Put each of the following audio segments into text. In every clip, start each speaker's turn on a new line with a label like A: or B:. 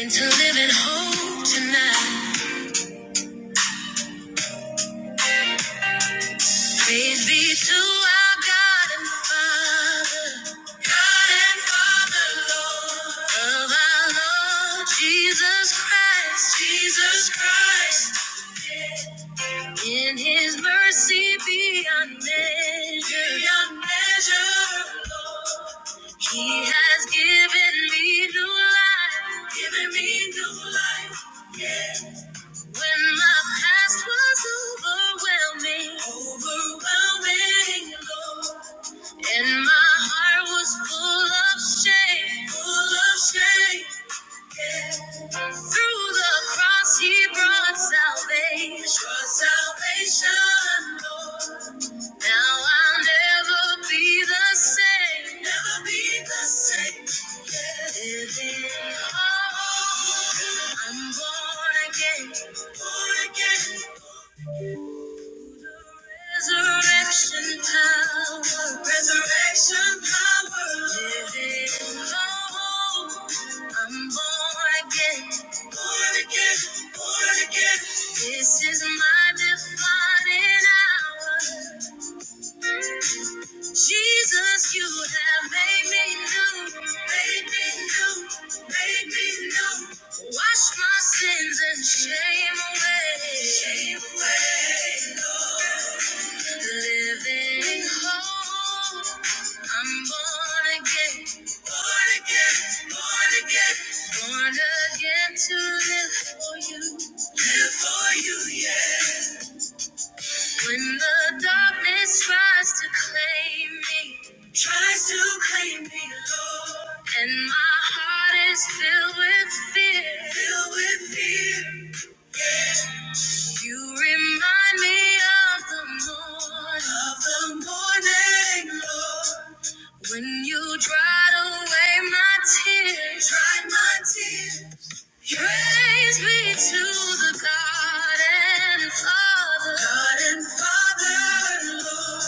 A: into living hope tonight. Praise be to our God and Father, God and Father, Lord of our Lord Jesus Christ, Jesus Christ. In His mercy beyond measure, beyond measure, Lord. He has given me new life, given me new life. When my past was overwhelming, overwhelming, Lord, and my heart was full of shame, full of shame. Through the cross, He brought salvation, brought salvation, Lord. Now I'll never be the same, never be the same. Yeah. Living hope, I'm born again, born again. Resurrection power, resurrection power, living hope. I'm born again, born again, born again. This is my defining hour. Jesus, you have made me new, made me new, made me new. Wash my sins and shame away, shame away, Lord. Living hope. I'm born again. Born again. Born again. Born again to live for you. Live for you, yeah. When the darkness tries to claim me. Tries to claim me, Lord. And my heart is filled with fear. Filled with fear. yeah. You remind me of the morning, of the morning, Lord. When you dried away my tears, dried my tears. You raised me to the garden, Father, garden, Father, Lord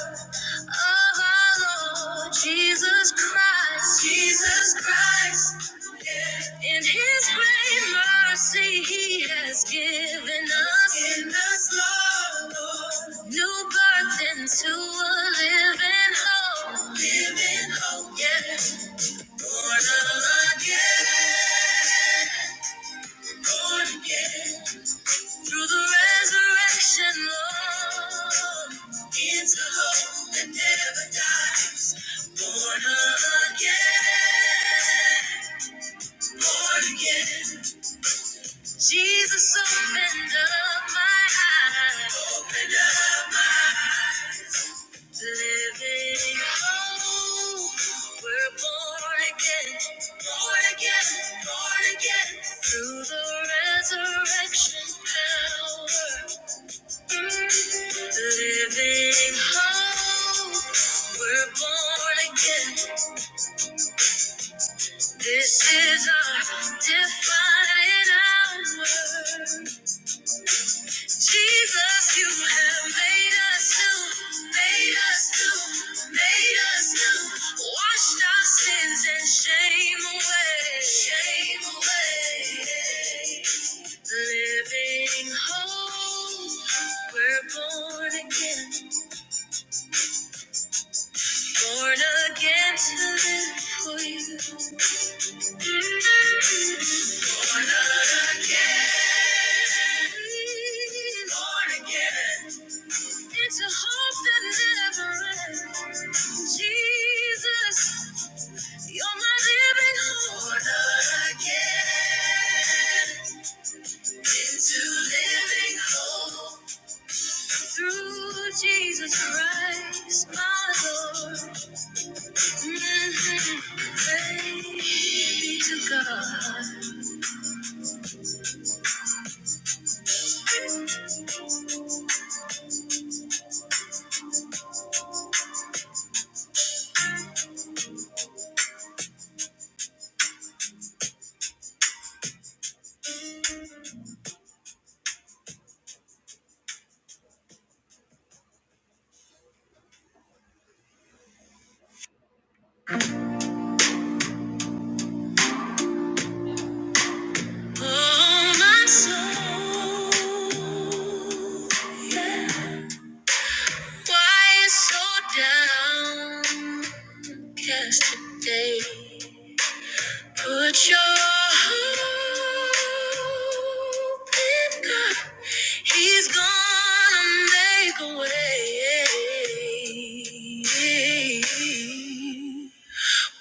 A: of our Lord Jesus Christ. Jesus Christ. In his great mercy, he has given us, given us Lord, Lord. new birth into a living hope. Living hope, yeah. Born again, born again. Through the resurrection, Lord, it's a hope that never dies. Born again, born again. Jesus opened up my eyes. Opened up my eyes. Living hope, we're born again, born again, born again. Through the resurrection power. Living hope, we're born again. This is our defining hour. Jesus, you have made us new, made us new, made us new. Washed our sins and shame away, shame away. Living hope, we're born again. Born again to live for you. Born again. Born again. Into hope that never ends. Jesus, you're my living hope. Born again. Into living hope. Through Jesus Christ, my Lord. Mhm. Praise be to God. Oh, my soul, Yeah. why you so downcast today? Put your hope in God. He's gonna make a way.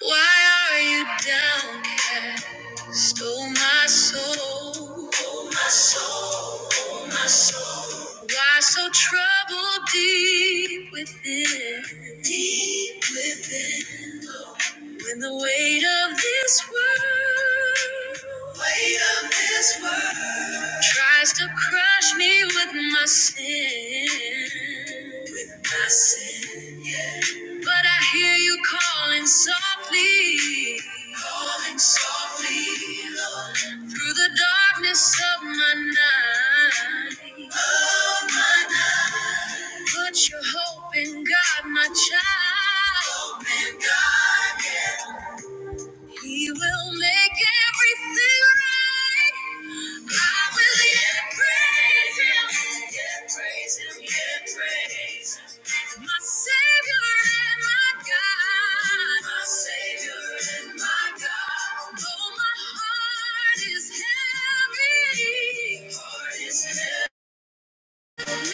A: Why are you downcast? Oh my soul. Oh my soul. Oh my soul. Why so troubled deep within? Deep within. When the weight of this world, weight of this world, tries to crush me with my sin. With my sin. But I hear you calling softly, calling softly through the darkness of my night. I put your hope in God, my child. Hope in God, yeah. He will make everything right. I will yet praise him. Yet praise him. Yet praise him. My Savior and my God. My Savior and my God. Oh, my heart is heavy. Heart is heavy. Praise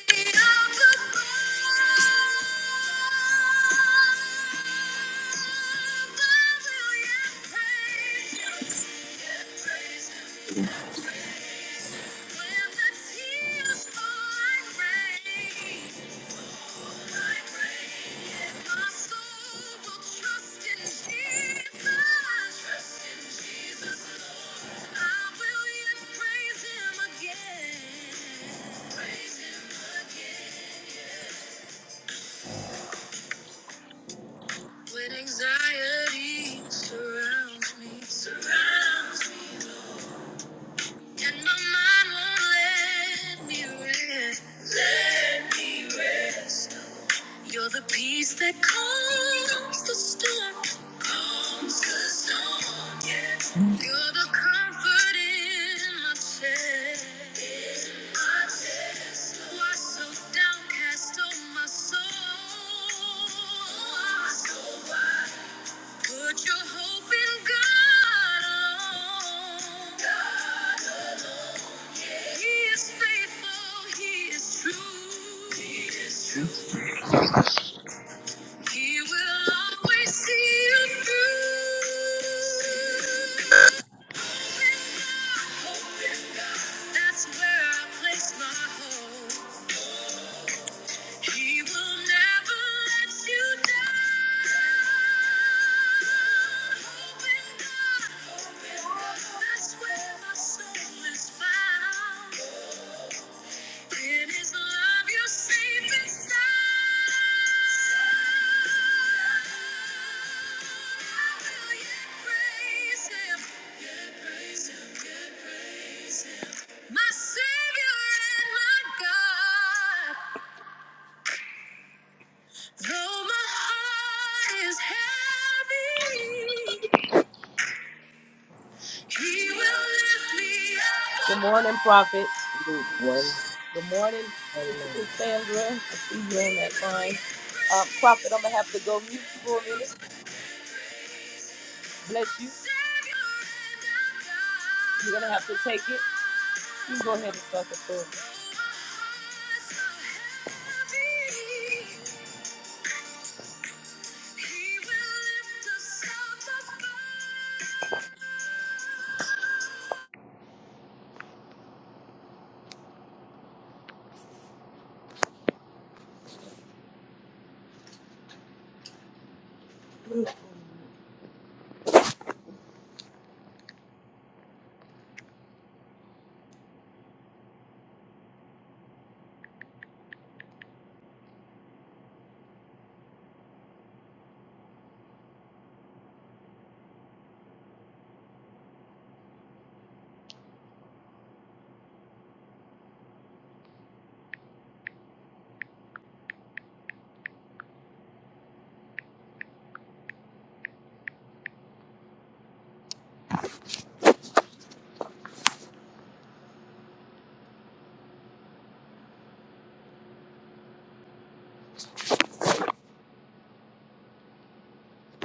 A: him again. yeah. When anxiety surrounds me, surrounds me, Lord, and my mind won't let me rest, let me rest. You're the peace that calms the storm, calms the storm. Yeah. You're the comfort in my chest, in my chest. Why so downcast, oh my soul? Oh, my soul, Why so Put your hope in God alone. God alone. yeah. He is faithful. He is true. He is true. He will always see you through. Hope in God. Hope in God. That's where I place my hope. He will never let you down. Open God, open. God, That's where my soul is found. In His love, you're safe and sound. I will yet praise Him. Yet praise Him. Yet praise Him. My Savior and my God. Though my heart is heavy, he will lift me up. Good morning, Prophet. Good morning, Sister Cassandra. I see you on that line. Uh, Prophet, I'm going to have to go mute for a minute. Bless you. You're going to have to take it. You can go ahead and start the prayer.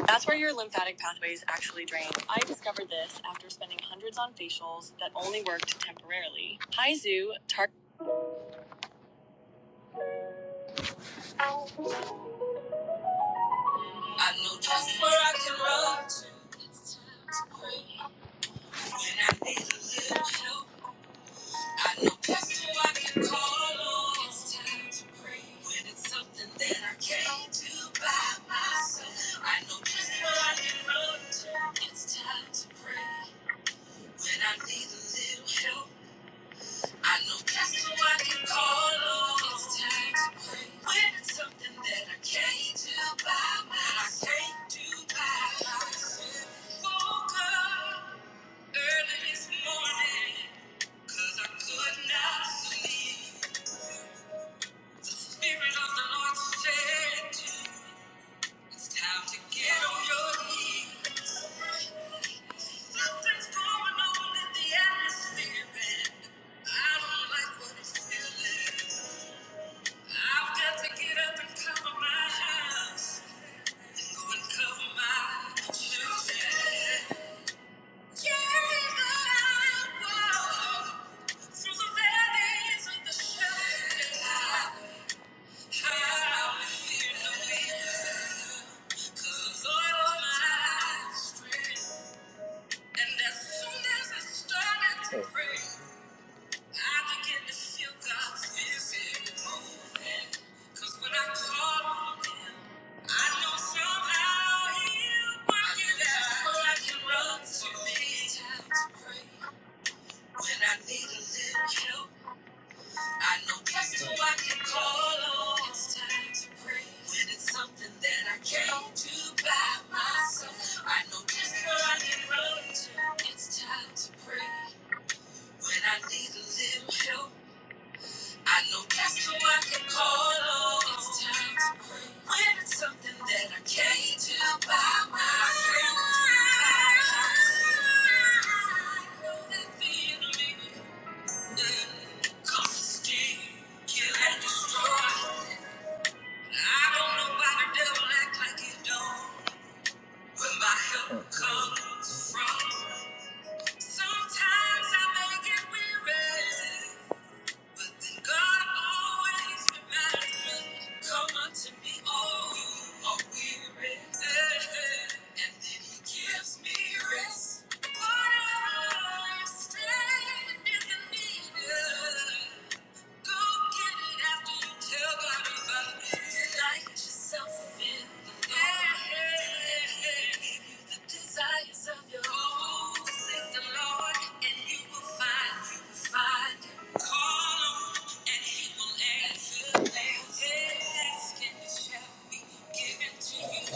B: That's where your lymphatic pathways actually drain. I discovered this after spending hundreds on facials that only worked temporarily. Hi, Zoo. Tar- I know just where I can run to when I need a little help. I know just who I can call on. It's time to pray when it's something that I can't do by. my- I know just where I can run to. It's time to pray when I need a little help. I know that's who I can call on. It's time to play. When it's something that I can't do by myself. I can't do by myself. Woke up early this morning, 'cause I could not sleep. The Spirit of the Lord said to me, It's time to get on your knees. Something's going on in the atmosphere, and I don't like what it's feeling. I've got to get up and cover my house and go and cover my children. Carry my walk through the valleys of the shadow. I will fear no evil, 'cause the Lord is my strength. And as soon as I started to pray. I begin to feel God's busy when I call on Him, I know somehow He'll work it out. Well, I can run to His house to pray. When I need a little help, I know just who I can call on. It's time to pray. When it's something that I can't do by myself, I know just where I can run to. It's time to pray. When I need a little help. I know that's who I can call on. It's times when it's something that I can't do by myself. I know that the enemy comes to steal, kill, and destroy. I don't know why the devil act like he don't. Where my help comes from. Sometimes I may get weary. But then God always reminds me, come unto me, all who are weary. And then he gives me rest. What I stand in the need of. Go get it after you tell God about it. Delight yourself in the Lord. give you the desires of your heart. Oh, seek the Lord and you will find, you will find Call on and he will answer. Ask and it shall be given to you.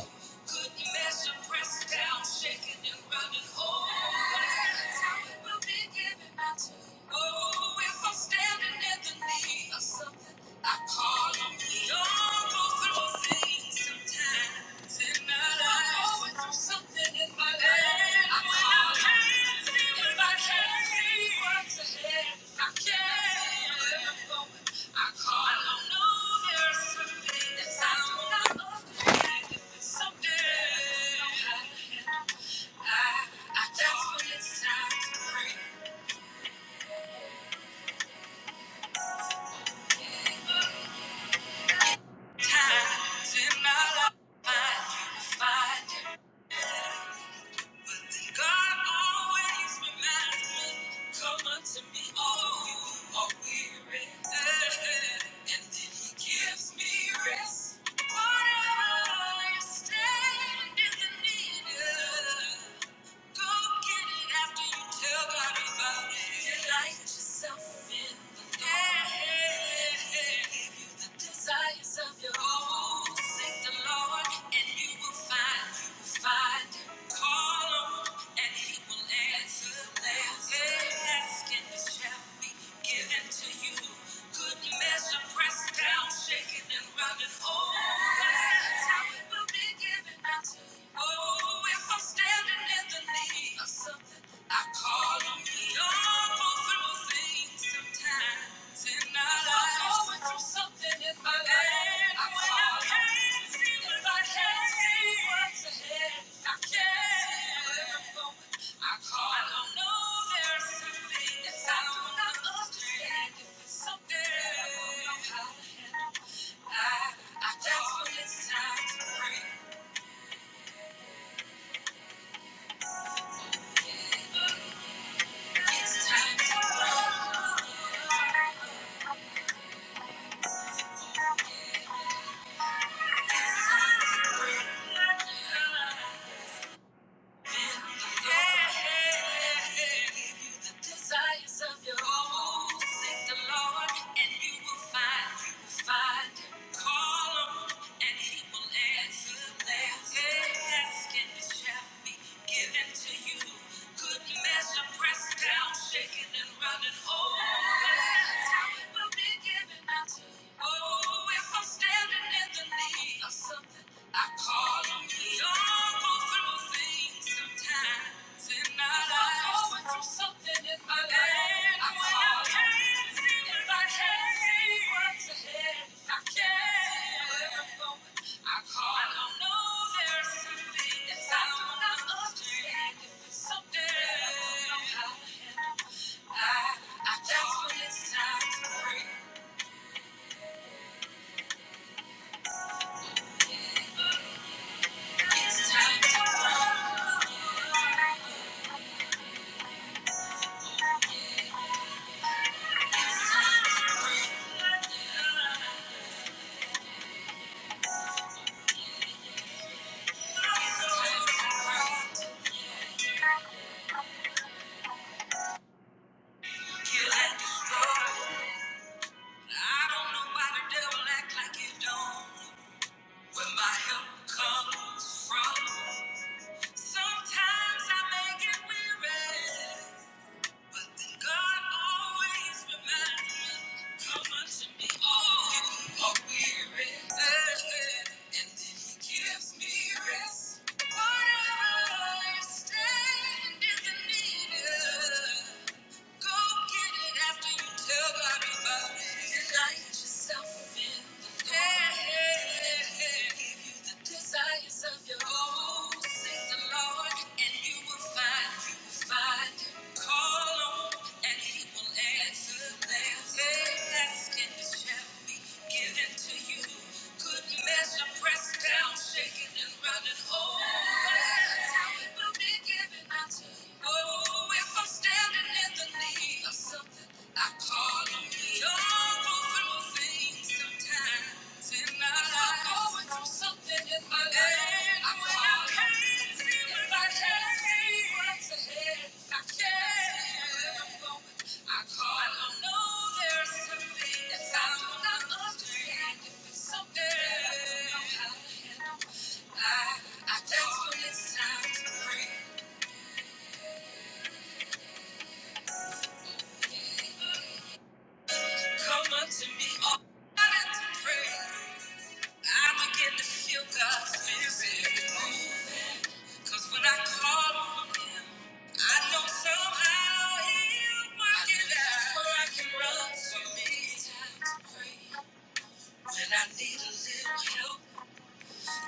B: Good measure pressed down, shaken and running over. That's how will be given Oh, if I'm standing in the need of something, I call on you. do go through things sometimes in my life. I'm going through something in my life. I call on you. If I can't see what's ahead, I can't see where I'm going. I call on you. I don't understand. If something I don't know how to I- I- that's when it's time to break it. Times in my life, I find you, but then God always reminds me, "Come unto me, all you who are weary," and then He gives me rest. Whatever you stand in the need of. Go get it after you tell God about it. light yourself in the Lord. Hey, Give you the desires of your heart. Seek the Lord and you will find. You will find. Call him and he will answer. answer. Hey, ask shall be given to you. Good measure pressed down, shaken and running over. That's how it will be Something I don't know how to handle. I, I just when it's time to break. Pressed down, shaken and running over. That's how it will be given unto you. Oh, if I'm standing. I, I, that's when it's time to break. It's time to break. kill and destroy. I don't know why the devil act like you don't. Where my help comes from. Sometimes I may get weary, but then God always reminds me, come unto me, all you who are weary. And then he gives me rest. Whatever you stand in the need of. Go get it after you tell Bobby about it. You light yourself in the dark. give you the desires of your own. Seek the Lord and you will find, you will find him. Call on and he will answer. There's asking shall be given to you. Good measure pressed down down, shaking and running over. how it will be given unto you. Oh, if I'm standing in the need of something, I call on you. Don't go through things sometimes in my life. I'm going through something in I call on I can't see I can't see where I'm going. I call I don't know there's something that I don't understand. If it's something that I don't know how to handle, I, I that's when it's time to pray. Come unto me, all I got to pray. I begin to feel God's spirit moving. Cause when I call on him, I know somehow he'll work it out. Where I can run to me. It's time to pray. When I need a little help.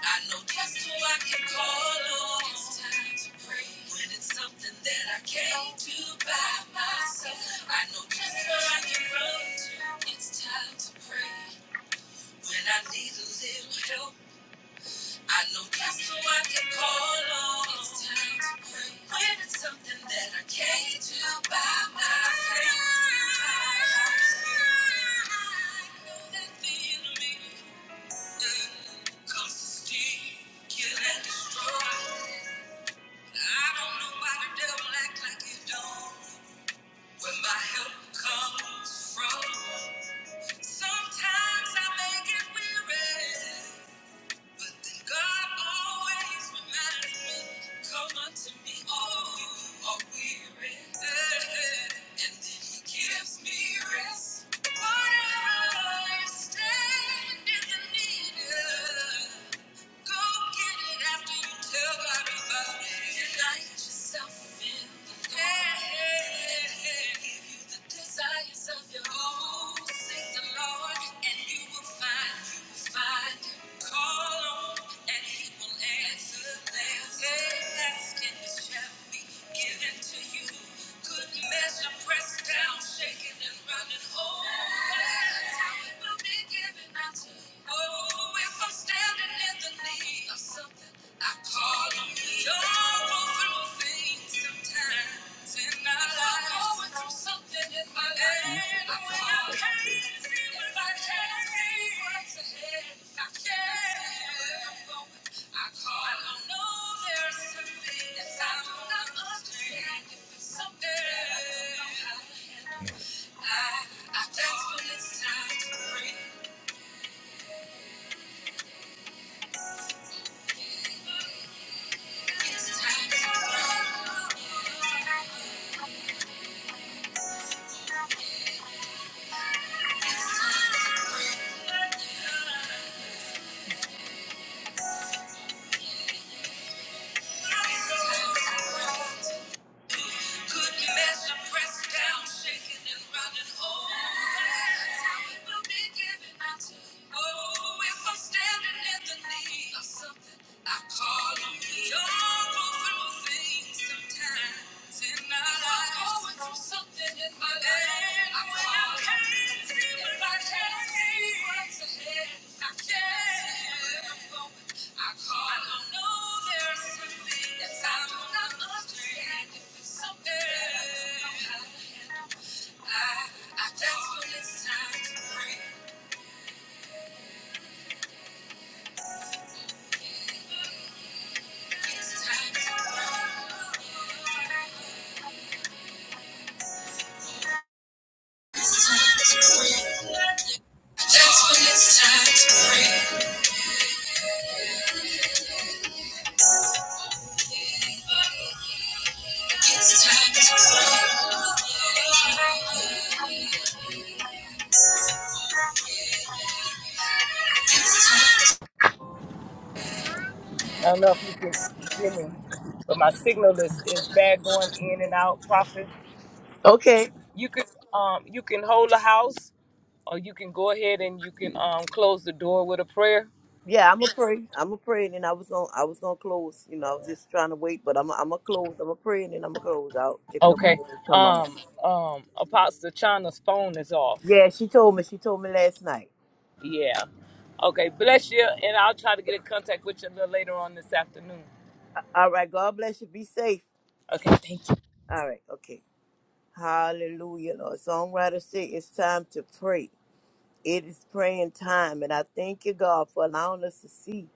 B: I know just who I can call on. It's time to pray when it's something that I can't do by myself. I know just where I can run to. It's time to pray when I need a little help. I know just who I can call on. It's time to pray when it's something that I can't do by myself. I know that the enemy Come steal, kill, and destroy. I don't know why the devil act like he don't. Where my help comes from. Sometimes I may get weary, but then God always reminds me, "Come unto me, all you who are weary, and then He gives me rest." Whatever you stand in the need of. Go get it after you tell God about it. You yourself in the Lord. Yeah. give you the desires of your heart. Oh, seek the Lord and you will find, you will find Call on and he will answer. There's ask and it be given to you. Good measure pressed down, shaken and running over. That's how it will be. Oh, if I'm standing in the need of something, I call on you. Y'all go through things sometimes in my life. I'm going through something in my life. And I when I can't you. see what I can't see what's ahead. I can't see where I'm going. I call on you. I know there's something some things I do not understand. If it's something that I don't know how to handle. I, I, that's when it's time to pray. Good measure pressed down, shaken and running over. That's how it will be given unto you. Oh, if I'm standing in the need of something, I call on you. Y'all go through things sometimes in our lives.
A: I don't know if you can hear me, but my signal is, is bad going in and out. Prophet,
B: Okay.
A: you can um you can hold the house, or you can go ahead and you can um close the door with a prayer.
B: Yeah, I'm gonna pray. I'm gonna pray, and then I was gonna I was gonna close. You know, I was just trying to wait, but I'm I'm gonna close. I'm gonna pray, and then I'm gonna close out if
A: Okay.
B: nobody else come on.
A: Um um Apostle Chana's phone is off.
B: Yeah, she told me. She told me last night.
A: Yeah. Okay. Bless you, and I'll try to get in contact with you a little later on this afternoon.
B: All right, God bless you. Be safe.
A: Okay. Thank you.
B: All right, okay. Hallelujah, Lord. Songwriter say it's time to pray. It is praying time, and I thank you, God, for allowing us to see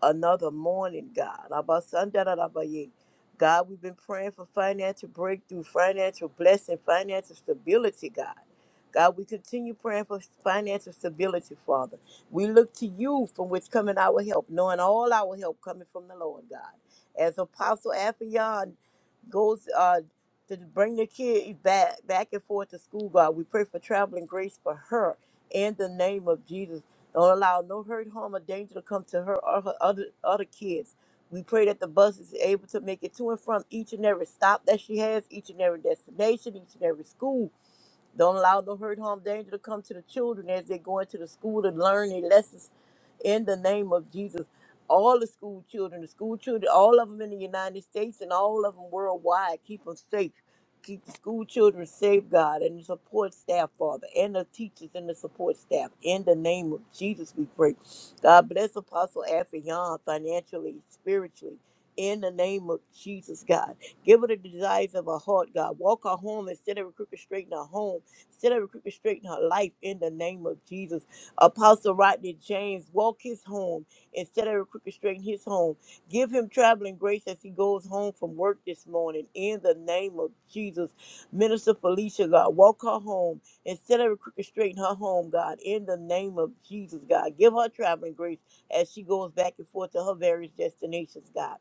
B: another morning, God. Abba, son, da, da, da, ba, ye. God, we've been praying for financial breakthrough, financial blessing, financial stability, God. God, we continue praying for financial stability, Father. We look to you from which coming our help, knowing all our help coming from the Lord, God. As Apostle Afion goes uh, to bring the kid back back and forth to school, God, we pray for traveling grace for her in the name of Jesus. Don't allow no hurt, harm, or danger to come to her or her other other kids. We pray that the bus is able to make it to and from each and every stop that she has, each and every destination, each and every school. Don't allow no hurt, harm, danger to come to the children as they go into the school to learn their lessons in the name of Jesus. All the school children, the school children, all of them in the United States and all of them worldwide, keep them safe. Keep the school children safe, God, and the support staff, Father, and the teachers and the support staff. In the name of Jesus, we pray. God bless Apostle Afrion financially, spiritually. In the name of Jesus, God. Give her the desires of her heart, God. Walk her home and set every crooked straight in her home. Set every crooked straight in her life in the name of Jesus. Apostle Rodney James, walk his home instead of crooked straight in his home. Give him traveling grace as he goes home from work this morning. In the name of Jesus, Minister Felicia, God, walk her home instead of crooked straight in her home, God. In the name of Jesus, God, give her traveling grace as she goes back and forth to her various destinations, God.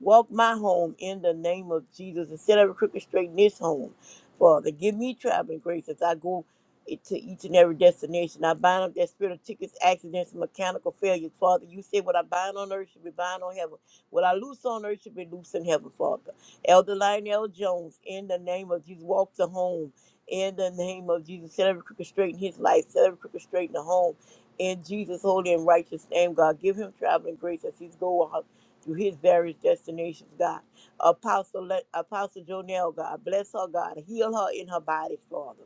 B: Walk my home in the name of Jesus instead of crooked straight in this home. Father, give me traveling grace as I go it to each and every destination. I bind up that spirit of tickets, accidents, and mechanical failures, Father. You said what I bind on earth should be bind on heaven. What I loose on earth should be loose in heaven, Father. Elder Lionel Jones, in the name of Jesus, walk to home. In the name of Jesus, set every crooked straight in his life, set every crooked straight in the home. In Jesus' holy and righteous name, God, give him traveling grace as he's going out through his various destinations, God. Apostle, let, Apostle Jonell, God, bless her, God. Heal her in her body, Father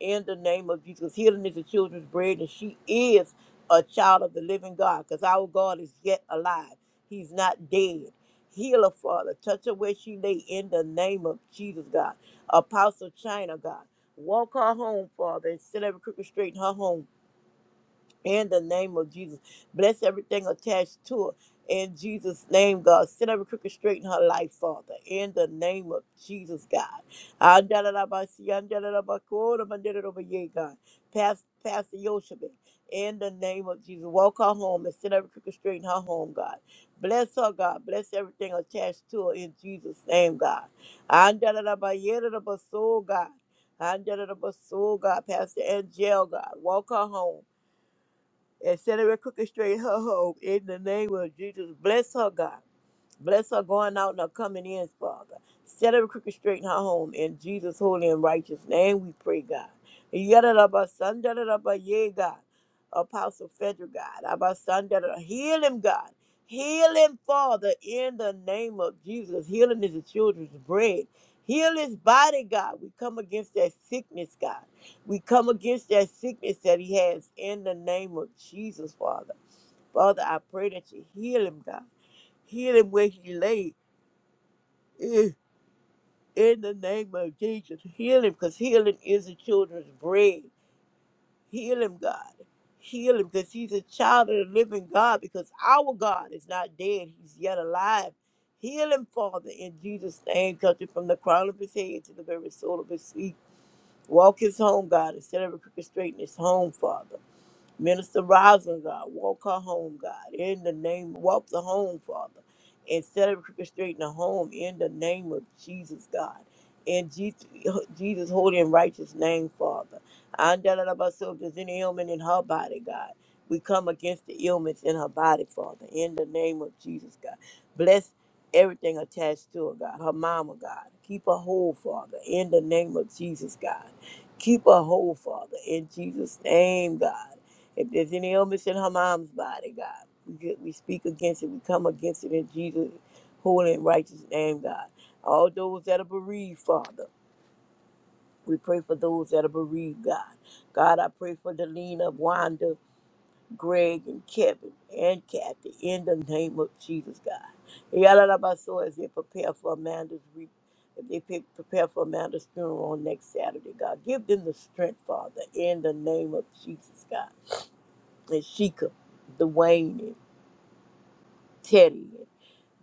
B: in the name of Jesus. 'Cause Healing is the children's bread, and she is a child of the living God, because our God is yet alive. He's not dead. Heal her, Father. Touch her where she lay in the name of Jesus, God. Apostle China, God. Walk her home, Father, and set every crooked straight in her home in the name of Jesus. Bless everything attached to her. In Jesus' name, God, set every crooked straight in her life, Father. In the name of Jesus, God. Andalabasi, andalabakoro, mandelarobaye, God. Pas- Pastor Yoshebe, in the name of Jesus, walk her home and set every crooked straight in her home, God. Bless her, God. Bless everything attached to her in Jesus' name, God. Andalalabayerabaso, God. Andalalabaso, God. Pastor Angel, God. Walk her home and set every crooked straight her hope in the name of Jesus. Bless her, God. Bless her going out and her coming in, Father. Set every crooked straight in her home in Jesus' holy and righteous name. We pray, God. Yadadaba, sandadadaba, yea, God. Apostle Frederick, God. Abba, sandadada. Heal him, God. Heal him, Father, in the name of Jesus. Healing is the children's bread. Heal his body, God. We come against that sickness, God. We come against that sickness that he has in the name of Jesus, Father. Father, I pray that you heal him, God. Heal him where he lay. In in the name of Jesus, heal him because healing is the children's bread. Heal him, God. Heal him because he's a child of the living God because our God is not dead. He's yet alive. Heal him, Father, in Jesus' name. Touch him from the crown of his head to the very soul of his feet. Walk his home, God, instead of every crooked straight in his home, Father. Minister Rosin, God, walk her home, God, in the name, walk the home, Father, and set up crooked straight in the home in the name of Jesus, God. In Jesus, Jesus' holy and righteous name, Father. I don't know about so if there's any ailment in her body, God. We come against the ailments in her body, Father, in the name of Jesus, God. Bless everything attached to her, God. Her mama, God. Keep her whole, Father, in the name of Jesus, God. Keep her whole, Father, in Jesus' name, God. If there's any illness in her mom's body, God, we, get, we speak against it. We come against it in Jesus' holy and righteous name, God. All those that are bereaved, Father, we pray for those that are bereaved, God. God, I pray for Delina, Wanda, Greg, and Kevin, and Kathy, in the name of Jesus, God. Yalalabaso, as they prepare for Amanda's re- if they pre- prepare for Amanda's funeral on next Saturday, God, give them the strength, Father, in the name of Jesus, God and Sheikah, Dwayne, and Teddy, and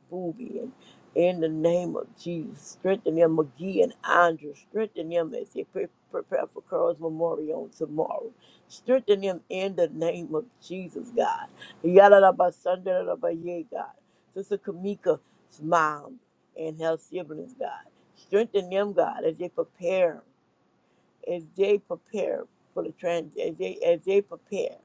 B: Booby, and in the name of Jesus, strengthen them, McGee and Andrew, strengthen them as they pre- prepare for Carl's memorial on tomorrow. Strengthen them in the name of Jesus, God. Yadadabasandarabba, God. Sister Kamika's mom and her siblings, God. Strengthen them, God, as they prepare, as they prepare for the trans, as they as they prepare.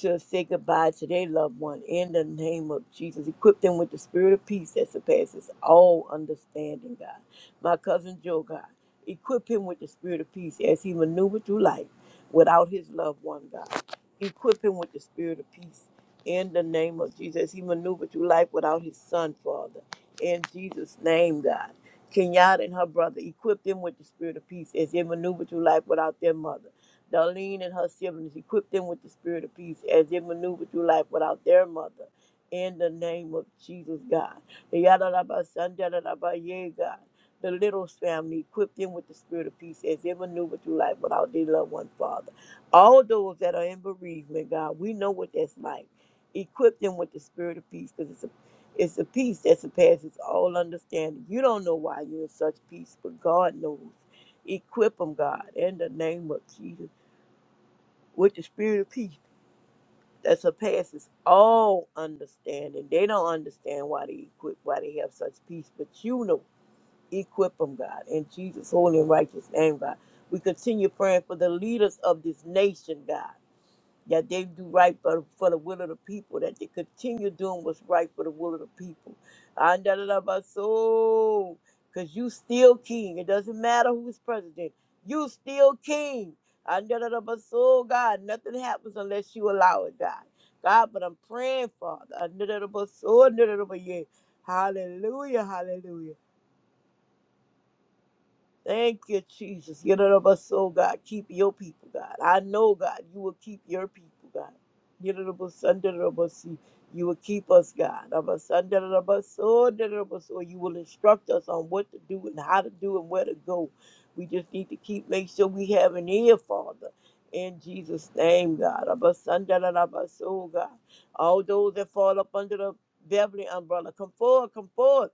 B: to say goodbye to their loved one in the name of Jesus. Equip them with the spirit of peace that surpasses all understanding, God. My cousin Joe, God, equip him with the spirit of peace as he maneuvered through life without his loved one, God. Equip him with the spirit of peace in the name of Jesus. He maneuvered through life without his son, Father. In Jesus' name, God. Kenyatta and her brother, equip them with the spirit of peace as they maneuver through life without their mother. Darlene and her siblings, equip them with the spirit of peace as they maneuver through life without their mother. In the name of Jesus, God. Yadadabasandaradabaya, God. The little family, equip them with the spirit of peace as they maneuver through life without their loved one, Father. All those that are in bereavement, God, we know what that's like. Equip them with the spirit of peace because it's a it's a peace that surpasses all understanding. You don't know why you're in such peace, but God knows. Equip them, God, in the name of Jesus with the spirit of peace that surpasses all understanding. They don't understand why they equip, why they have such peace, but you know, equip them, God, in Jesus' holy and righteous name, God. We continue praying for the leaders of this nation, God that they do right for, for the will of the people, that they continue doing what's right for the will of the people. Andalabaso, Because you still king. It doesn't matter who's president. You still king. Andalabaso, God, nothing happens unless you allow it, God. God, but I'm praying, Father. Andalabaso, andalabaye. Hallelujah, hallelujah. Thank you, Jesus. Get it up us, soul, God. Keep your people, God. I know, God, you will keep your people, God. Get it up us, under of us, You you will keep us, God. Of us, under of us, soul, under of us, soul. You will instruct us on what to do and how to do and where to go. We just need to keep, make sure we have an ear, Father. In Jesus' name, God. Of us, under of us, soul, God. All those that fall up under the Beverly umbrella, come forward, come forward.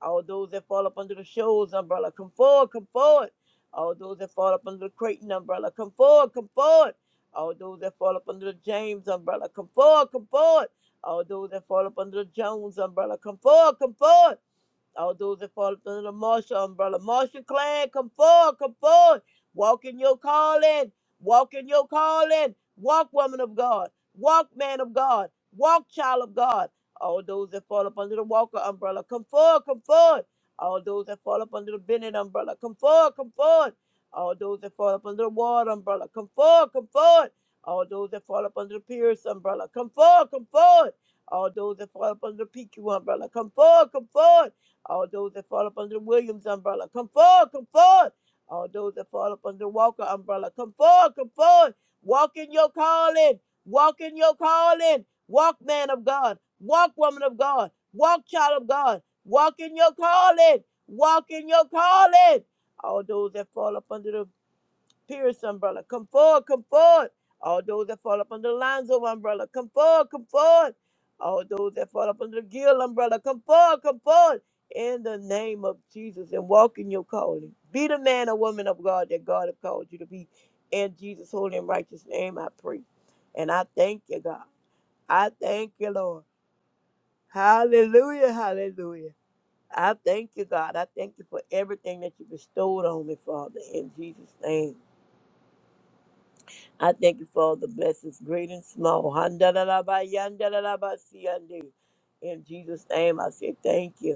B: All those that fall up under the Shoals umbrella, come forward, come forward. All those that fall up under the Creighton umbrella, come forward, come forward. All those that fall up under the James umbrella, come forward, come forward. All those that fall up under the Jones umbrella, come forward, come forward. All those that fall under the Marshall umbrella. Marshall clan, come forward, come forward. Walk in your calling. Walk in your calling. Walk, woman of God. Walk, man of God. Walk, child of God. All those that fall up under the Walker umbrella, come forward, come forward. All those that fall up under the Bennett umbrella, come forward, come forward. All those that fall up under the Ward umbrella, come forward, come forward. All those that fall up under the Pierce umbrella, come forward, come forward. All those that fall up under the PQ umbrella, come forward, come forward. All those that fall up under the Williams umbrella, come forward, come forward. All those that fall up under the Walker umbrella, come forward, come forward. Walk in your calling. Walk in your calling. Walk, man of God. Walk, woman of God. Walk, child of God. Walk in your calling. Walk in your calling. All those that fall up under the Pierce umbrella. Come forward, come forward. All those that fall up under the Lonzo umbrella, come forward, come forward. All those that fall up under the Gill umbrella, come forward, come forward. In the name of Jesus and walk in your calling. Be the man or woman of God that God has called you to be. In Jesus' holy and righteous name, I pray. And I thank you, God. I thank you, Lord. Hallelujah, hallelujah. I thank you, God. I thank you for everything that you bestowed on me, Father, in Jesus' name. I thank you for all the blessings, great and small. Handalalabayandalalabasiyande. In Jesus' name, I say thank you.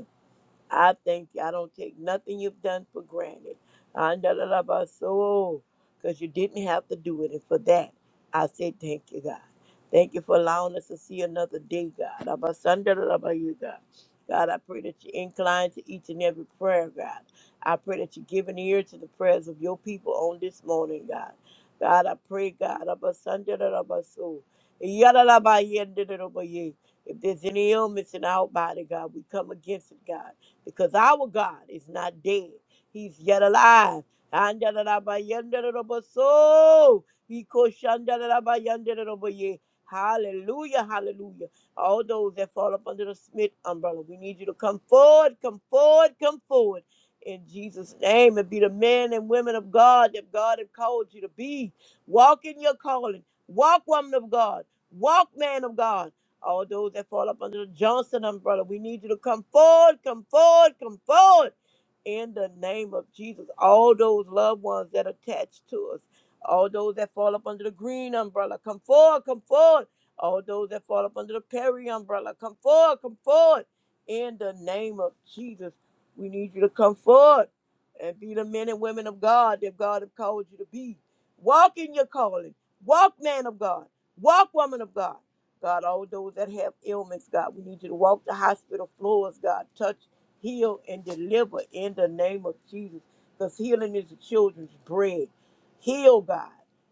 B: I thank you. I don't take nothing you've done for granted. Because you didn't have to do it. And for that, I say thank you, God. Thank you for allowing us to see another day, God. Abasandalabayu, God, God, I pray that you incline to each and every prayer, God. I pray that you give an ear to the prayers of your people on this morning, God. God, I pray, God, abasandalabasu, yadalabayendalabaye. if there's any illness in our body, God, we come against it, God because our God is not dead. He's yet alive. Andalarabayandarabo. Ikoshandalarabayandaraboye. Hallelujah, hallelujah. All those that fall up under the Smith umbrella, we need you to come forward, come forward, come forward. In Jesus' name, and be the men and women of God that God has called you to be. Walk in your calling. Walk, woman of God. Walk, man of God. All those that fall up under the Johnson umbrella, we need you to come forward, come forward, come forward. In the name of Jesus, all those loved ones that attach to us, all those that fall up under the green umbrella, come forward, come forward. All those that fall up under the Perry umbrella, come forward, come forward. In the name of Jesus, we need you to come forward and be the men and women of God that God has called you to be. Walk in your calling. Walk, man of God. Walk, woman of God. God, all those that have ailments, God, we need you to walk the hospital floors, God. Touch, heal, and deliver in the name of Jesus. Because healing is the children's bread. Heal, God.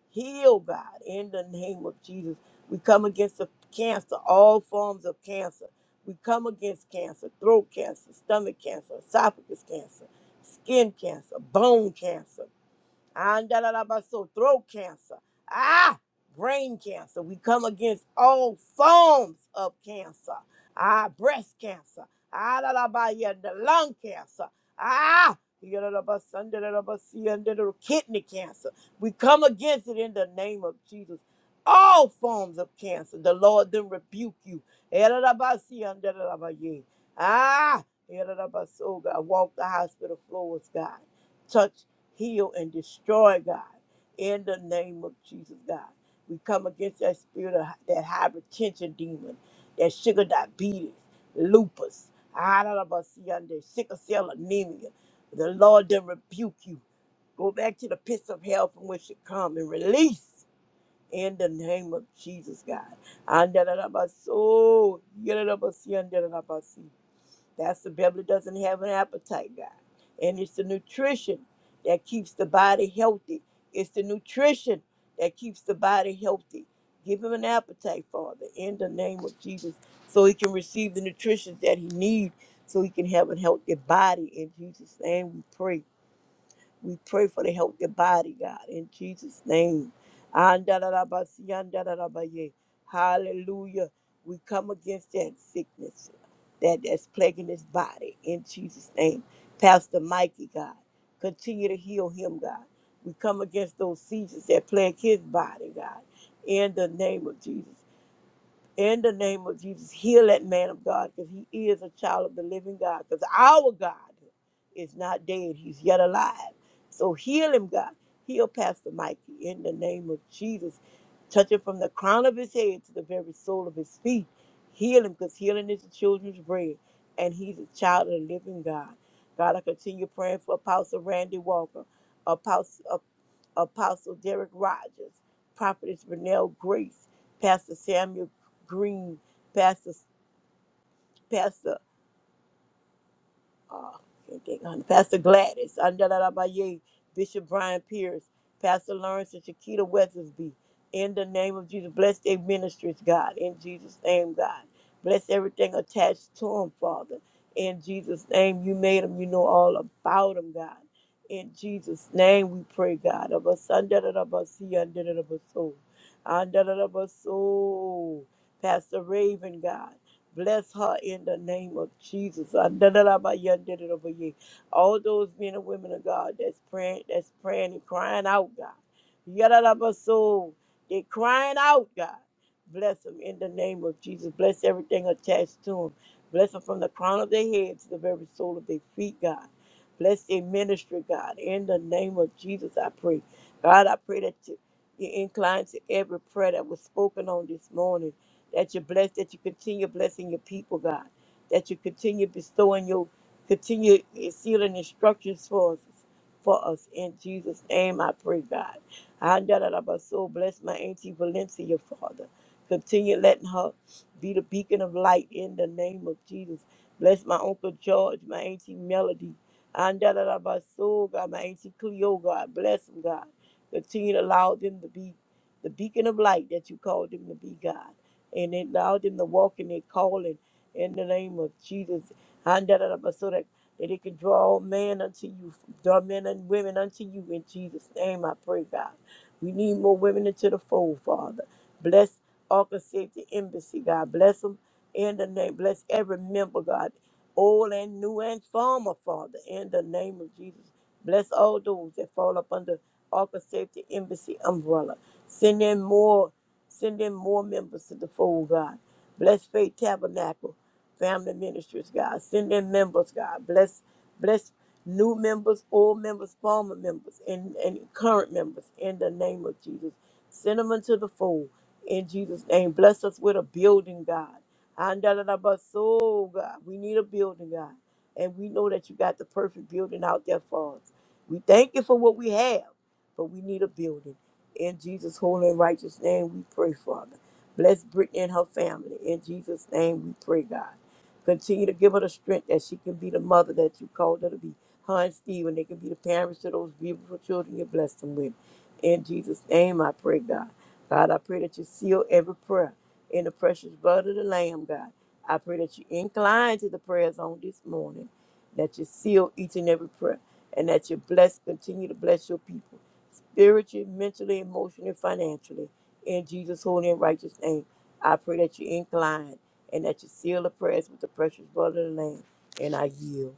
B: Heal, God, in the name of Jesus. We come against the cancer, all forms of cancer. We come against cancer, throat cancer, stomach cancer, esophagus cancer, skin cancer, bone cancer. Andalabaso, throat cancer. Ah, brain cancer. We come against all forms of cancer. Ah, breast cancer. Andalabaya, the lung cancer. Ah, yadalabas- andalabasi, andalabas- kidney cancer. We come against it in the name of Jesus. All forms of cancer. The Lord then rebuke you. Yadalabasi, andalabaya. Ah, yadalabas- oh God, walk the hospital floors, God heal and destroy, God, in the name of Jesus, God. We come against that spirit of that hypertension demon, that sugar diabetes, lupus, the sickle cell anemia. The Lord then rebuke you. Go back to the pits of hell from which you come and release in the name of Jesus, God. Andalabasi, yalabasi, andalabasi. That's the belly doesn't have an appetite, God. And it's the nutrition that keeps the body healthy. It's the nutrition that keeps the body healthy. Give him an appetite, Father, in the name of Jesus, so he can receive the nutrition that he needs, so he can have a healthy body. In Jesus' name we pray. We pray for the healthy body, God, in Jesus' name. Andalabasi, andalabaye. Hallelujah. We come against that sickness that, that's plaguing his body in Jesus' name. Pastor Mikey, God, continue to heal him, God. We come against those seizures that plague his body, God, in the name of Jesus in the name of Jesus, heal that man of God because he is a child of the living God. Because our God is not dead, he's yet alive. So heal him, God. Heal Pastor Mikey in the name of Jesus. Touch him from the crown of his head to the very sole of his feet. Heal him because healing is the children's bread. And he's a child of the living God. God, I continue praying for Apostle Randy Walker, Apostle, Apostle Derek Rogers, Prophetess Renelle Grace. Pastor Samuel Green, Pastor, Pastor, uh, can't think of- her- Pastor Gladys, Andalabaye, Bishop Brian Pierce, Pastor Lawrence and Shakita Weathersby. In the name of Jesus, bless their ministries, God. In Jesus' name, God. Bless everything attached to them, Father. In Jesus' name, you made them. You know all about them, God. In Jesus' name, we pray, God. Of us, Andalabasi, Andalabaso. Andalabaso. Pastor Raven, God. Bless her in the name of Jesus. Adadadabayadadadabaye. All those men and women of God that's praying, that's praying and crying out, God. Yadadabaso. They're crying out, God. Bless them in the name of Jesus. Bless everything attached to them. Bless them from the crown of their head to the very sole of their feet, God. Bless their ministry, God. In the name of Jesus, I pray. God, I pray that you you incline to every prayer that was spoken on this morning that you bless, that you continue blessing your people, God, that you continue bestowing your, continue sealing instructions for us, for us. In Jesus' name, I pray, God. I so bless my auntie Valencia, Father. Continue letting her be the beacon of light in the name of Jesus. Bless my Uncle George, my auntie Melody. And so God, my auntie Cleo, God, bless them, God. Continue to allow them to be the beacon of light that you called them to be, God and allow them to walk in their calling in the name of Jesus. Handarabba, So that, that they can draw all men unto you, draw men and women unto you in Jesus' name, I pray, God. We need more women into the fold, Father. Bless Arkansas Safety Embassy, God. Bless them in the name. Bless every member, God, old and new and former, Father, in the name of Jesus. Bless all those that fall up under Arkansas Safety Embassy umbrella. Send in more Send in more members to the fold, God. Bless Faith Tabernacle, Family Ministries, God. Send in members, God. Bless, bless new members, old members, former members, and, and current members in the name of Jesus. Send them into the fold in Jesus' name. Bless us with a building, God. Andalalabaso, God. We need a building, God. And we know that you got the perfect building out there for us. We thank you for what we have, but we need a building. In Jesus' holy and righteous name, we pray, Father. Bless Brittany and her family. In Jesus' name, we pray, God. Continue to give her the strength that she can be the mother that you called her to be. Her and Stephen, they can be the parents to those beautiful children you blessed them with. In Jesus' name, I pray, God. God, I pray that you seal every prayer in the precious blood of the Lamb, God. I pray that you incline to the prayers on this morning, that you seal each and every prayer, and that you bless, continue to bless your people spiritually, mentally, emotionally, financially. In Jesus' holy and righteous name, I pray that you incline and that you seal the prayers with the precious blood of the Lamb. And I yield.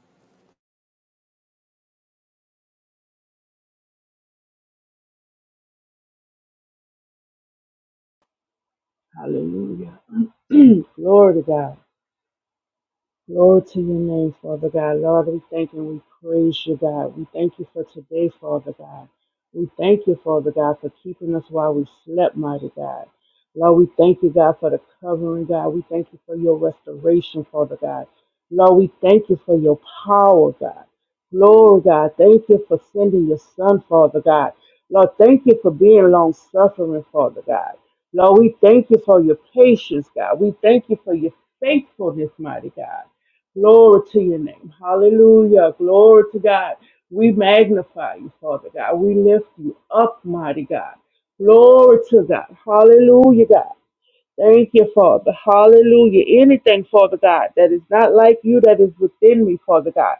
C: Hallelujah. Glory to God. Glory to your name, Father God. Lord, we thank and we praise you, God. We thank you for today, Father God. We thank you, Father God, for keeping us while we slept, mighty God. Lord, we thank you, God, for the covering, God. We thank you for your restoration, Father God. Lord, we thank you for your power, God. Glory, God. Thank you for sending your son, Father God. Lord, thank you for being long suffering, Father God. Lord, we thank you for your patience, God. We thank you for your faithfulness, mighty God. Glory to your name. Hallelujah. Glory to God. We magnify you, Father God. We lift you up, mighty God. Glory to God. Hallelujah, God. Thank you, Father. Hallelujah. Anything, Father God, that is not like you, that is within me, Father God.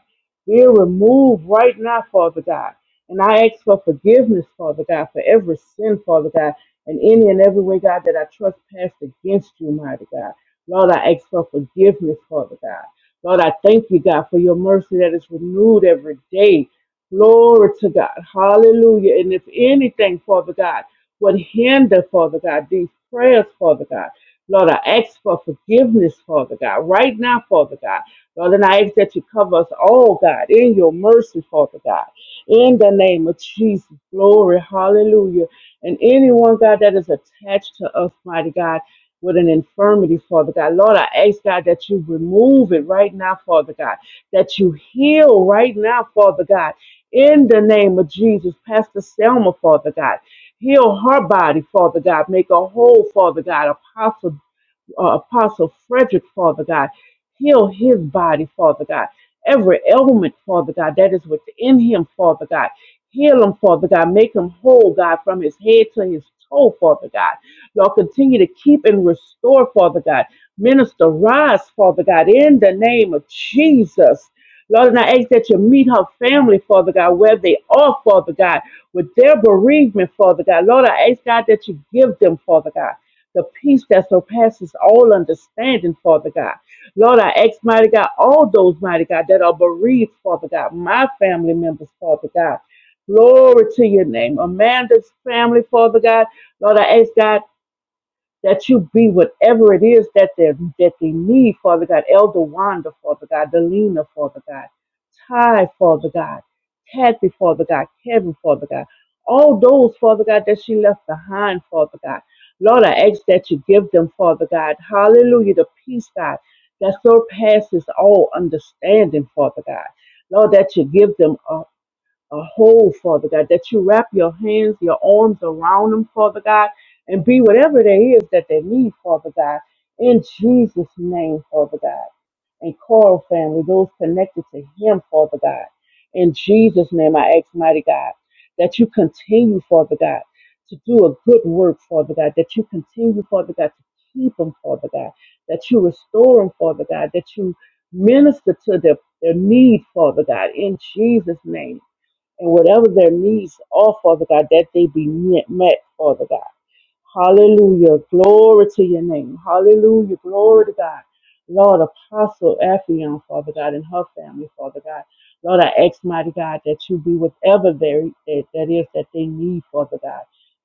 C: Be removed right now, Father God. And I ask for forgiveness, Father God, for every sin, Father God, and any and every way, God, that I trespassed against you, mighty God. Lord, I ask for forgiveness, Father God. Lord, I thank you, God, for your mercy that is renewed every day. Glory to God. Hallelujah. And if anything, Father God, would hinder, Father God, these prayers, Father God. Lord, I ask for forgiveness, Father God, right now, Father God. Lord, and I ask that you cover us all, God, in your mercy, Father God. In the name of Jesus, glory, hallelujah. And anyone, God, that is attached to us, mighty God, with an infirmity, Father God. Lord, I ask, God, that you remove it right now, Father God, that you heal right now, Father God. In the name of Jesus, Pastor Selma, Father God. Heal her body, Father God. Make her whole, Father God. Apostle uh, Apostle Frederick, Father God. Heal his body, Father God. Every ailment, Father God, that is within him, Father God. Heal him, Father God. Make him whole, God, from his head to his toe, Father God. Lord, continue to keep and restore, Father God. Minister Rise, Father God, in the name of Jesus. Lord, and I ask that you meet her family, Father God, where they are, Father God, with their bereavement, Father God. Lord, I ask God that you give them, Father God the peace that surpasses all understanding, Father God. Lord, I ask, mighty God, all those, mighty God, that are bereaved, Father God, my family members, Father God. Glory to your name. Amanda's family, Father God. Lord, I ask, God, that you be whatever it is that they that they need, Father God. Elder Wanda, Father God, Delina, Father God, Ty, Father God, Kathy, Father God, Kevin, Father God. All those, Father God, that she left behind, Father God. Lord, I ask that you give them, Father God. Hallelujah, the peace, God, that surpasses all understanding, Father God. Lord, that you give them a a whole, Father God, that you wrap your hands, your arms around them, Father God, and be whatever there is that they need, Father God, in Jesus' name, Father God. And Coral family, those connected to him, Father God. In Jesus' name, I ask, mighty God, that you continue, Father God, to do a good work, Father God, that you continue, Father God, to keep them, Father God, that you restore them, Father God, that you minister to their, their need, Father God, in Jesus' name and whatever their needs are, Father God, that they be met, Father God. Hallelujah. Glory to your name. Hallelujah. Glory to God. Lord, Apostle Ephion, Father God, and her family, Father God. Lord, I ask, mighty God, that you be whatever there that, that is that they need, Father God.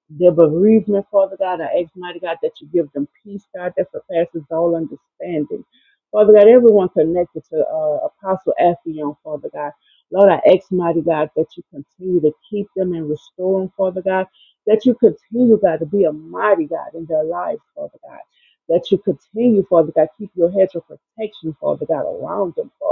C: Their bereavement, Father God, I ask, mighty God, that you give them peace, God, that surpasses all understanding. Father God, everyone connected to uh, Apostle Ephion, Father God. Lord, I ask, mighty God, that you continue to keep them and restore them, Father God. That you continue, God, to be a mighty God in their lives, Father God. That you continue, Father God, keep your hedge of protection, Father God, around them, Father.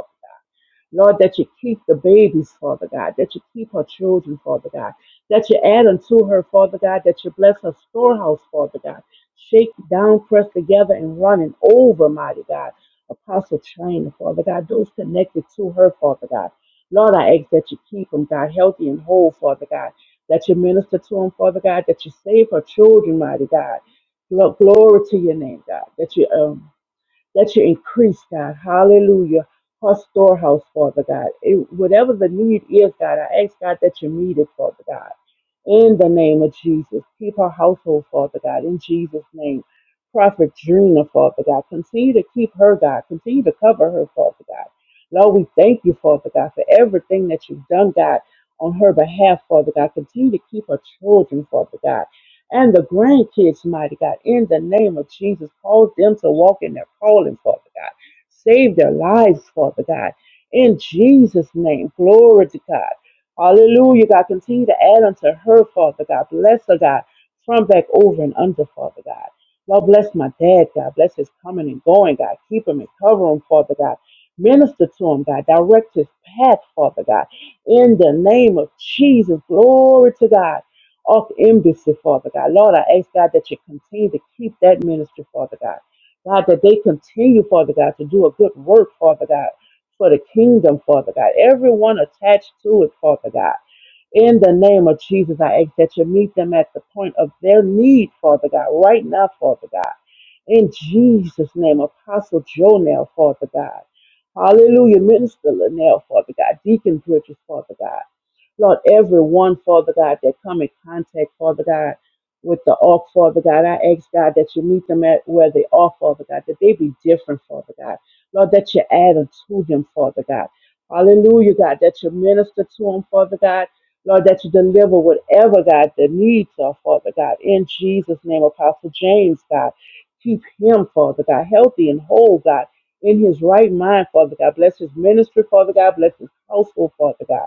C: Lord, that you keep the babies, Father God, that you keep her children, Father God, that you add unto her, Father God, that you bless her storehouse, Father God. Shake down, press together, and running over, mighty God. Apostle China, Father God, those connected to her, Father God. Lord, I ask that you keep them, God, healthy and whole, Father God, that you minister to them, Father God, that you save her children, mighty God. Glo- Glory to your name, God, that you um, let your increase, God. Hallelujah. Her storehouse, Father God. It- whatever the need is, God, I ask, God, that you meet it, Father God. In the name of Jesus. Keep her household, Father God. In Jesus' name. Prophet Drina, Father God. Continue to keep her, God. Continue to cover her, Father God. Lord, we thank you, Father God, for everything that you've done, God, on her behalf, Father God. Continue to keep her children, Father God and the grandkids, mighty God, in the name of Jesus. Cause them to walk in their calling, Father God. Save their lives, Father God. In Jesus' name, glory to God. Hallelujah, God. Continue to add unto her, Father God. Bless her, God. From back over and under, Father God. Lord, bless my dad, God. Bless his coming and going, God. Keep him and cover him, Father God. Minister to him, God. Direct his path, Father God. In the name of Jesus, glory to God off embassy, Father God. Lord, I ask God that you continue to keep that ministry, Father God. God, that they continue, Father God, to do a good work, Father God, for the kingdom, Father God. Everyone attached to it, Father God. In the name of Jesus, I ask that you meet them at the point of their need, Father God, right now, Father God. In Jesus' name, Apostle Joe now, Father God. Hallelujah, Minister Linnell, Father God. Deacon Bridges, Father God. Lord, everyone, Father God, that come in contact, Father God, with the ark, Father God, I ask God that you meet them at where they are, Father God, that they be different, Father God. Lord, that you add unto them, Father God. Hallelujah, God, that you minister to them, Father God. Lord, that you deliver whatever, God, the needs are, Father God. In Jesus' name, Apostle James, God, keep him, Father God, healthy and whole, God, in his right mind, Father God. Bless his ministry, Father God. Bless his household, Father God.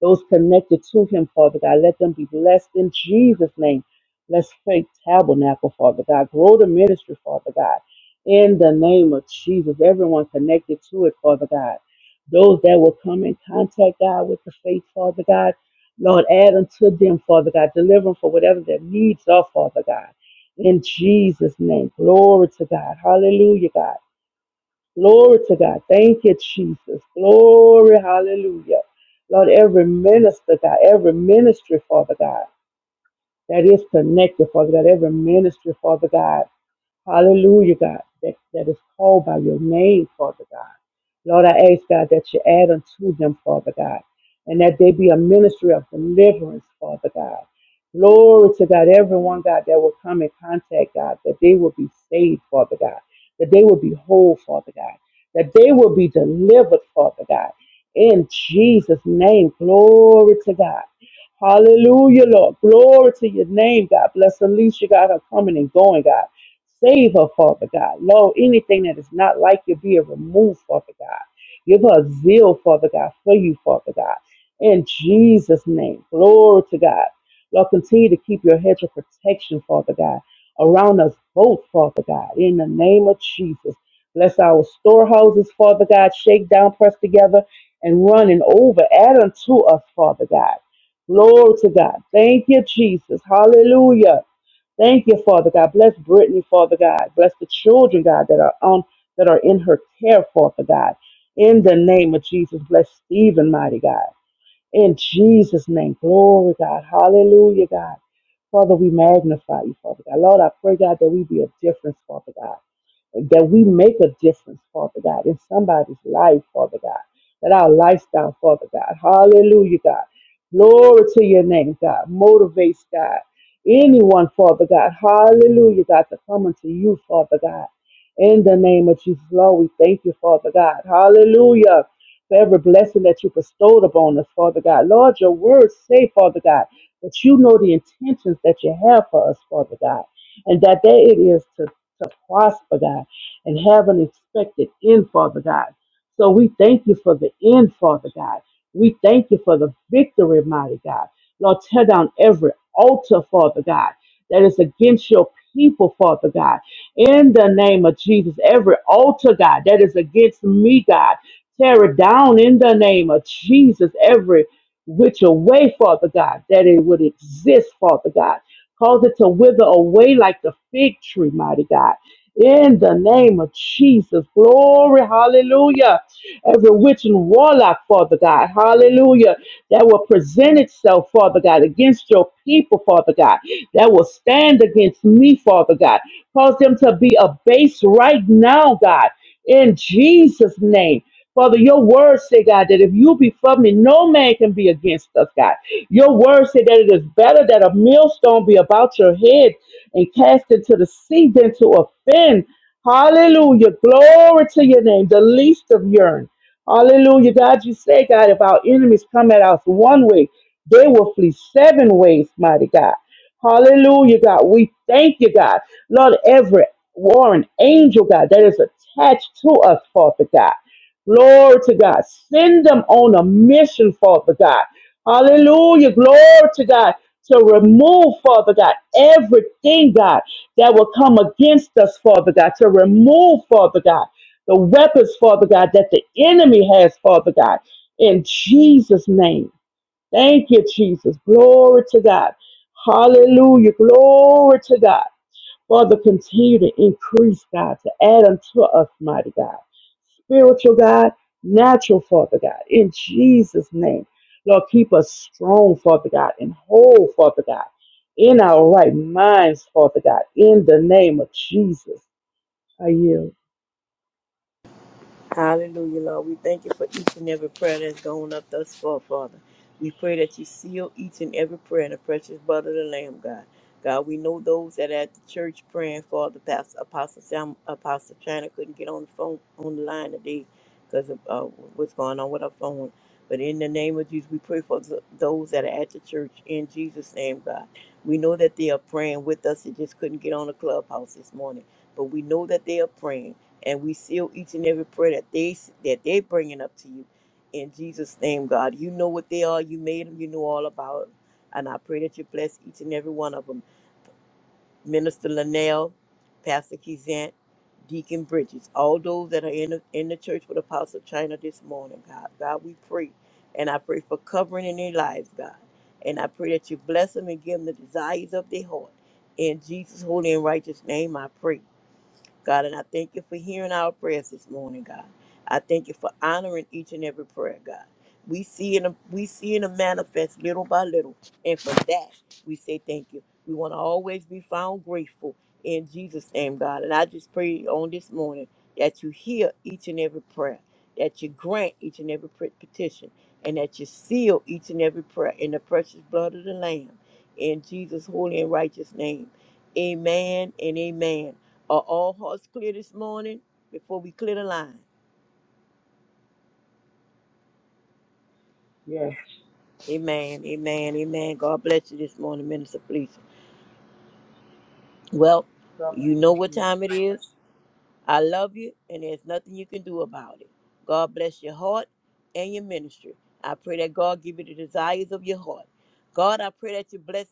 C: Those connected to him, Father God, let them be blessed in Jesus' name. Bless Faith Tabernacle, Father God. Grow the ministry, Father God. In the name of Jesus, everyone connected to it, Father God. Those that will come in contact, God, with the faith, Father God. Lord, add unto them, Father God. Deliver them for whatever their needs are, Father God. In Jesus' name. Glory to God. Hallelujah, God. Glory to God. Thank you, Jesus. Glory. Hallelujah. Lord, every minister, God, every ministry, Father God, that is connected, Father God, every ministry, Father God. Hallelujah, God, that, that is called by your name, Father God. Lord, I ask, God, that you add unto them, Father God, and that they be a ministry of deliverance, Father God. Glory to God, everyone, God, that will come in contact, God, that they will be saved, Father God, that they will be whole, Father God, that they will be delivered, Father God. In Jesus' name, glory to God. Hallelujah, Lord. Glory to your name, God. Bless Alicia, God, her coming and going, God. Save her, Father God. Lord, anything that is not like you, be it removed, Father God. Give her a zeal, Father God, for you, Father God. In Jesus' name, glory to God. Lord, continue to keep your hedge of protection, Father God, around us both, Father God, in the name of Jesus. Bless our storehouses, Father God, shake down, press together, and run and over. Add unto us, Father God. Glory to God. Thank you, Jesus. Hallelujah. Thank you, Father God. Bless Brittany, Father God. Bless the children, God, that are on that are in her care, Father God. In the name of Jesus, bless Stephen, mighty God. In Jesus' name, glory, God. Hallelujah, God. Father, we magnify you, Father God. Lord, I pray, God, that we be a difference, Father God that we make a difference, Father God, in somebody's life, Father God, that our lifestyle, Father God, hallelujah, God, glory to your name, God, motivates God, anyone, Father God, hallelujah, God, to come unto you, Father God, in the name of Jesus, Lord, we thank you, Father God, hallelujah. For every blessing that you bestowed upon us, Father God. Lord, your words say, Father God, that you know the intentions that you have for us, Father God, and that there it is to to prosper, God, and have an expected end, Father God. So we thank you for the end, Father God. We thank you for the victory, mighty God. Lord, tear down every altar, Father God, that is against your people, Father God. In the name of Jesus, every altar, God, that is against me, God, tear it down in the name of Jesus. Every which away, Father God, that it would exist, Father God. Cause it to wither away like the fig tree, mighty God in the name of Jesus. Glory. Hallelujah every witch and warlock, Father God, hallelujah, that will present itself, Father God, against your people, Father God, that will stand against me, Father God. Cause them to be abased right now, God, in Jesus' name. Father, your word say, God, that if you be for me, no man can be against us, God. Your word say that it is better that a millstone be about your head and cast into the sea than to offend. Hallelujah. Glory to your name, the least of urine. Hallelujah. God, you say, God, if our enemies come at us one way, they will flee seven ways, mighty God. Hallelujah, God. We thank you, God. Lord, every warring angel, God, that is attached to us, Father God. Glory to God. Send them on a mission, Father God. Hallelujah. Glory to God. To remove, Father God, everything, God, that will come against us, Father God. To remove, Father God, the weapons, Father God, that the enemy has, Father God. In Jesus' name. Thank you, Jesus. Glory to God. Hallelujah. Glory to God. Father, continue to increase, God, to add unto us, mighty God spiritual God, natural, Father God, in Jesus' name. Lord, keep us strong, Father God, and whole, Father God, in our right minds, Father God, in the name of Jesus. I yield.
B: Hallelujah, Lord. We thank you for each and every prayer that's gone up thus far, Father. We pray that you seal each and every prayer in the precious blood of the Lamb, God. God, we know those that are at the church praying Father, pastor, Apostle Sam, Apostle China couldn't get on the phone on the line today because of uh, what's going on with her phone. But in the name of Jesus, we pray for th- those that are at the church in Jesus' name, God. We know that they are praying with us. They just couldn't get on the clubhouse this morning, but we know that they are praying and we seal each and every prayer that they that they bringing up to you in jesus name god you know what they are you made them you know all about them and i pray that you bless each and every one of them minister linnell pastor kizant deacon bridges all those that are in the, in the church with apostle china this morning god god we pray and i pray for covering in their lives god and i pray that you bless them and give them the desires of their heart in jesus holy and righteous name i pray God, and I thank you for hearing our prayers this morning, God. I thank you for honoring each and every prayer, God. We see in a, we see in a manifest little by little, and for that we say thank you. We want to always be found grateful in Jesus' name, God. And I just pray on this morning that you hear each and every prayer, that you grant each and every pret- petition, and that you seal each and every prayer in the precious blood of the Lamb, in Jesus' holy and righteous name. Amen and amen. Are all hearts clear this morning before we clear the line?
C: Yeah.
B: Amen, amen, amen. God bless you this morning, Minister Felicia. Well,
C: God bless
B: you know what
C: you.
B: time it is. I love you, and there's nothing you can do about it. God bless your heart and your ministry. I pray that God give you the desires of your heart. God, I pray that you bless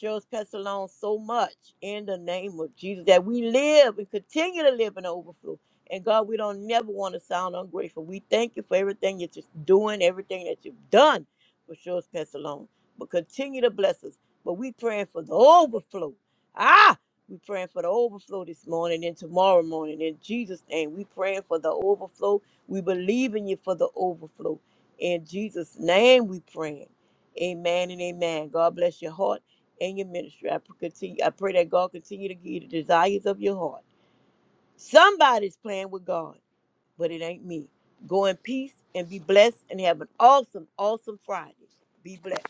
B: Cheryl's Pestalon so much in the name of Jesus that we live and continue to live in overflow. And God, we don't never want to sound ungrateful. We thank you for everything that you're just doing, everything that you've done for Cheryl's Pestalon. But continue to bless us. But we praying for the overflow. Ah, we're praying for the overflow this morning and tomorrow morning. In Jesus' name, we praying for the overflow. We believe in you for the overflow. In Jesus' name, we praying. Amen and amen. God bless your heart and your ministry. I pr- continue. I pray that God continue to give you the desires of your heart. Somebody's playing with God, but it ain't me. Go in peace and be blessed and have an awesome, awesome Friday. Be blessed.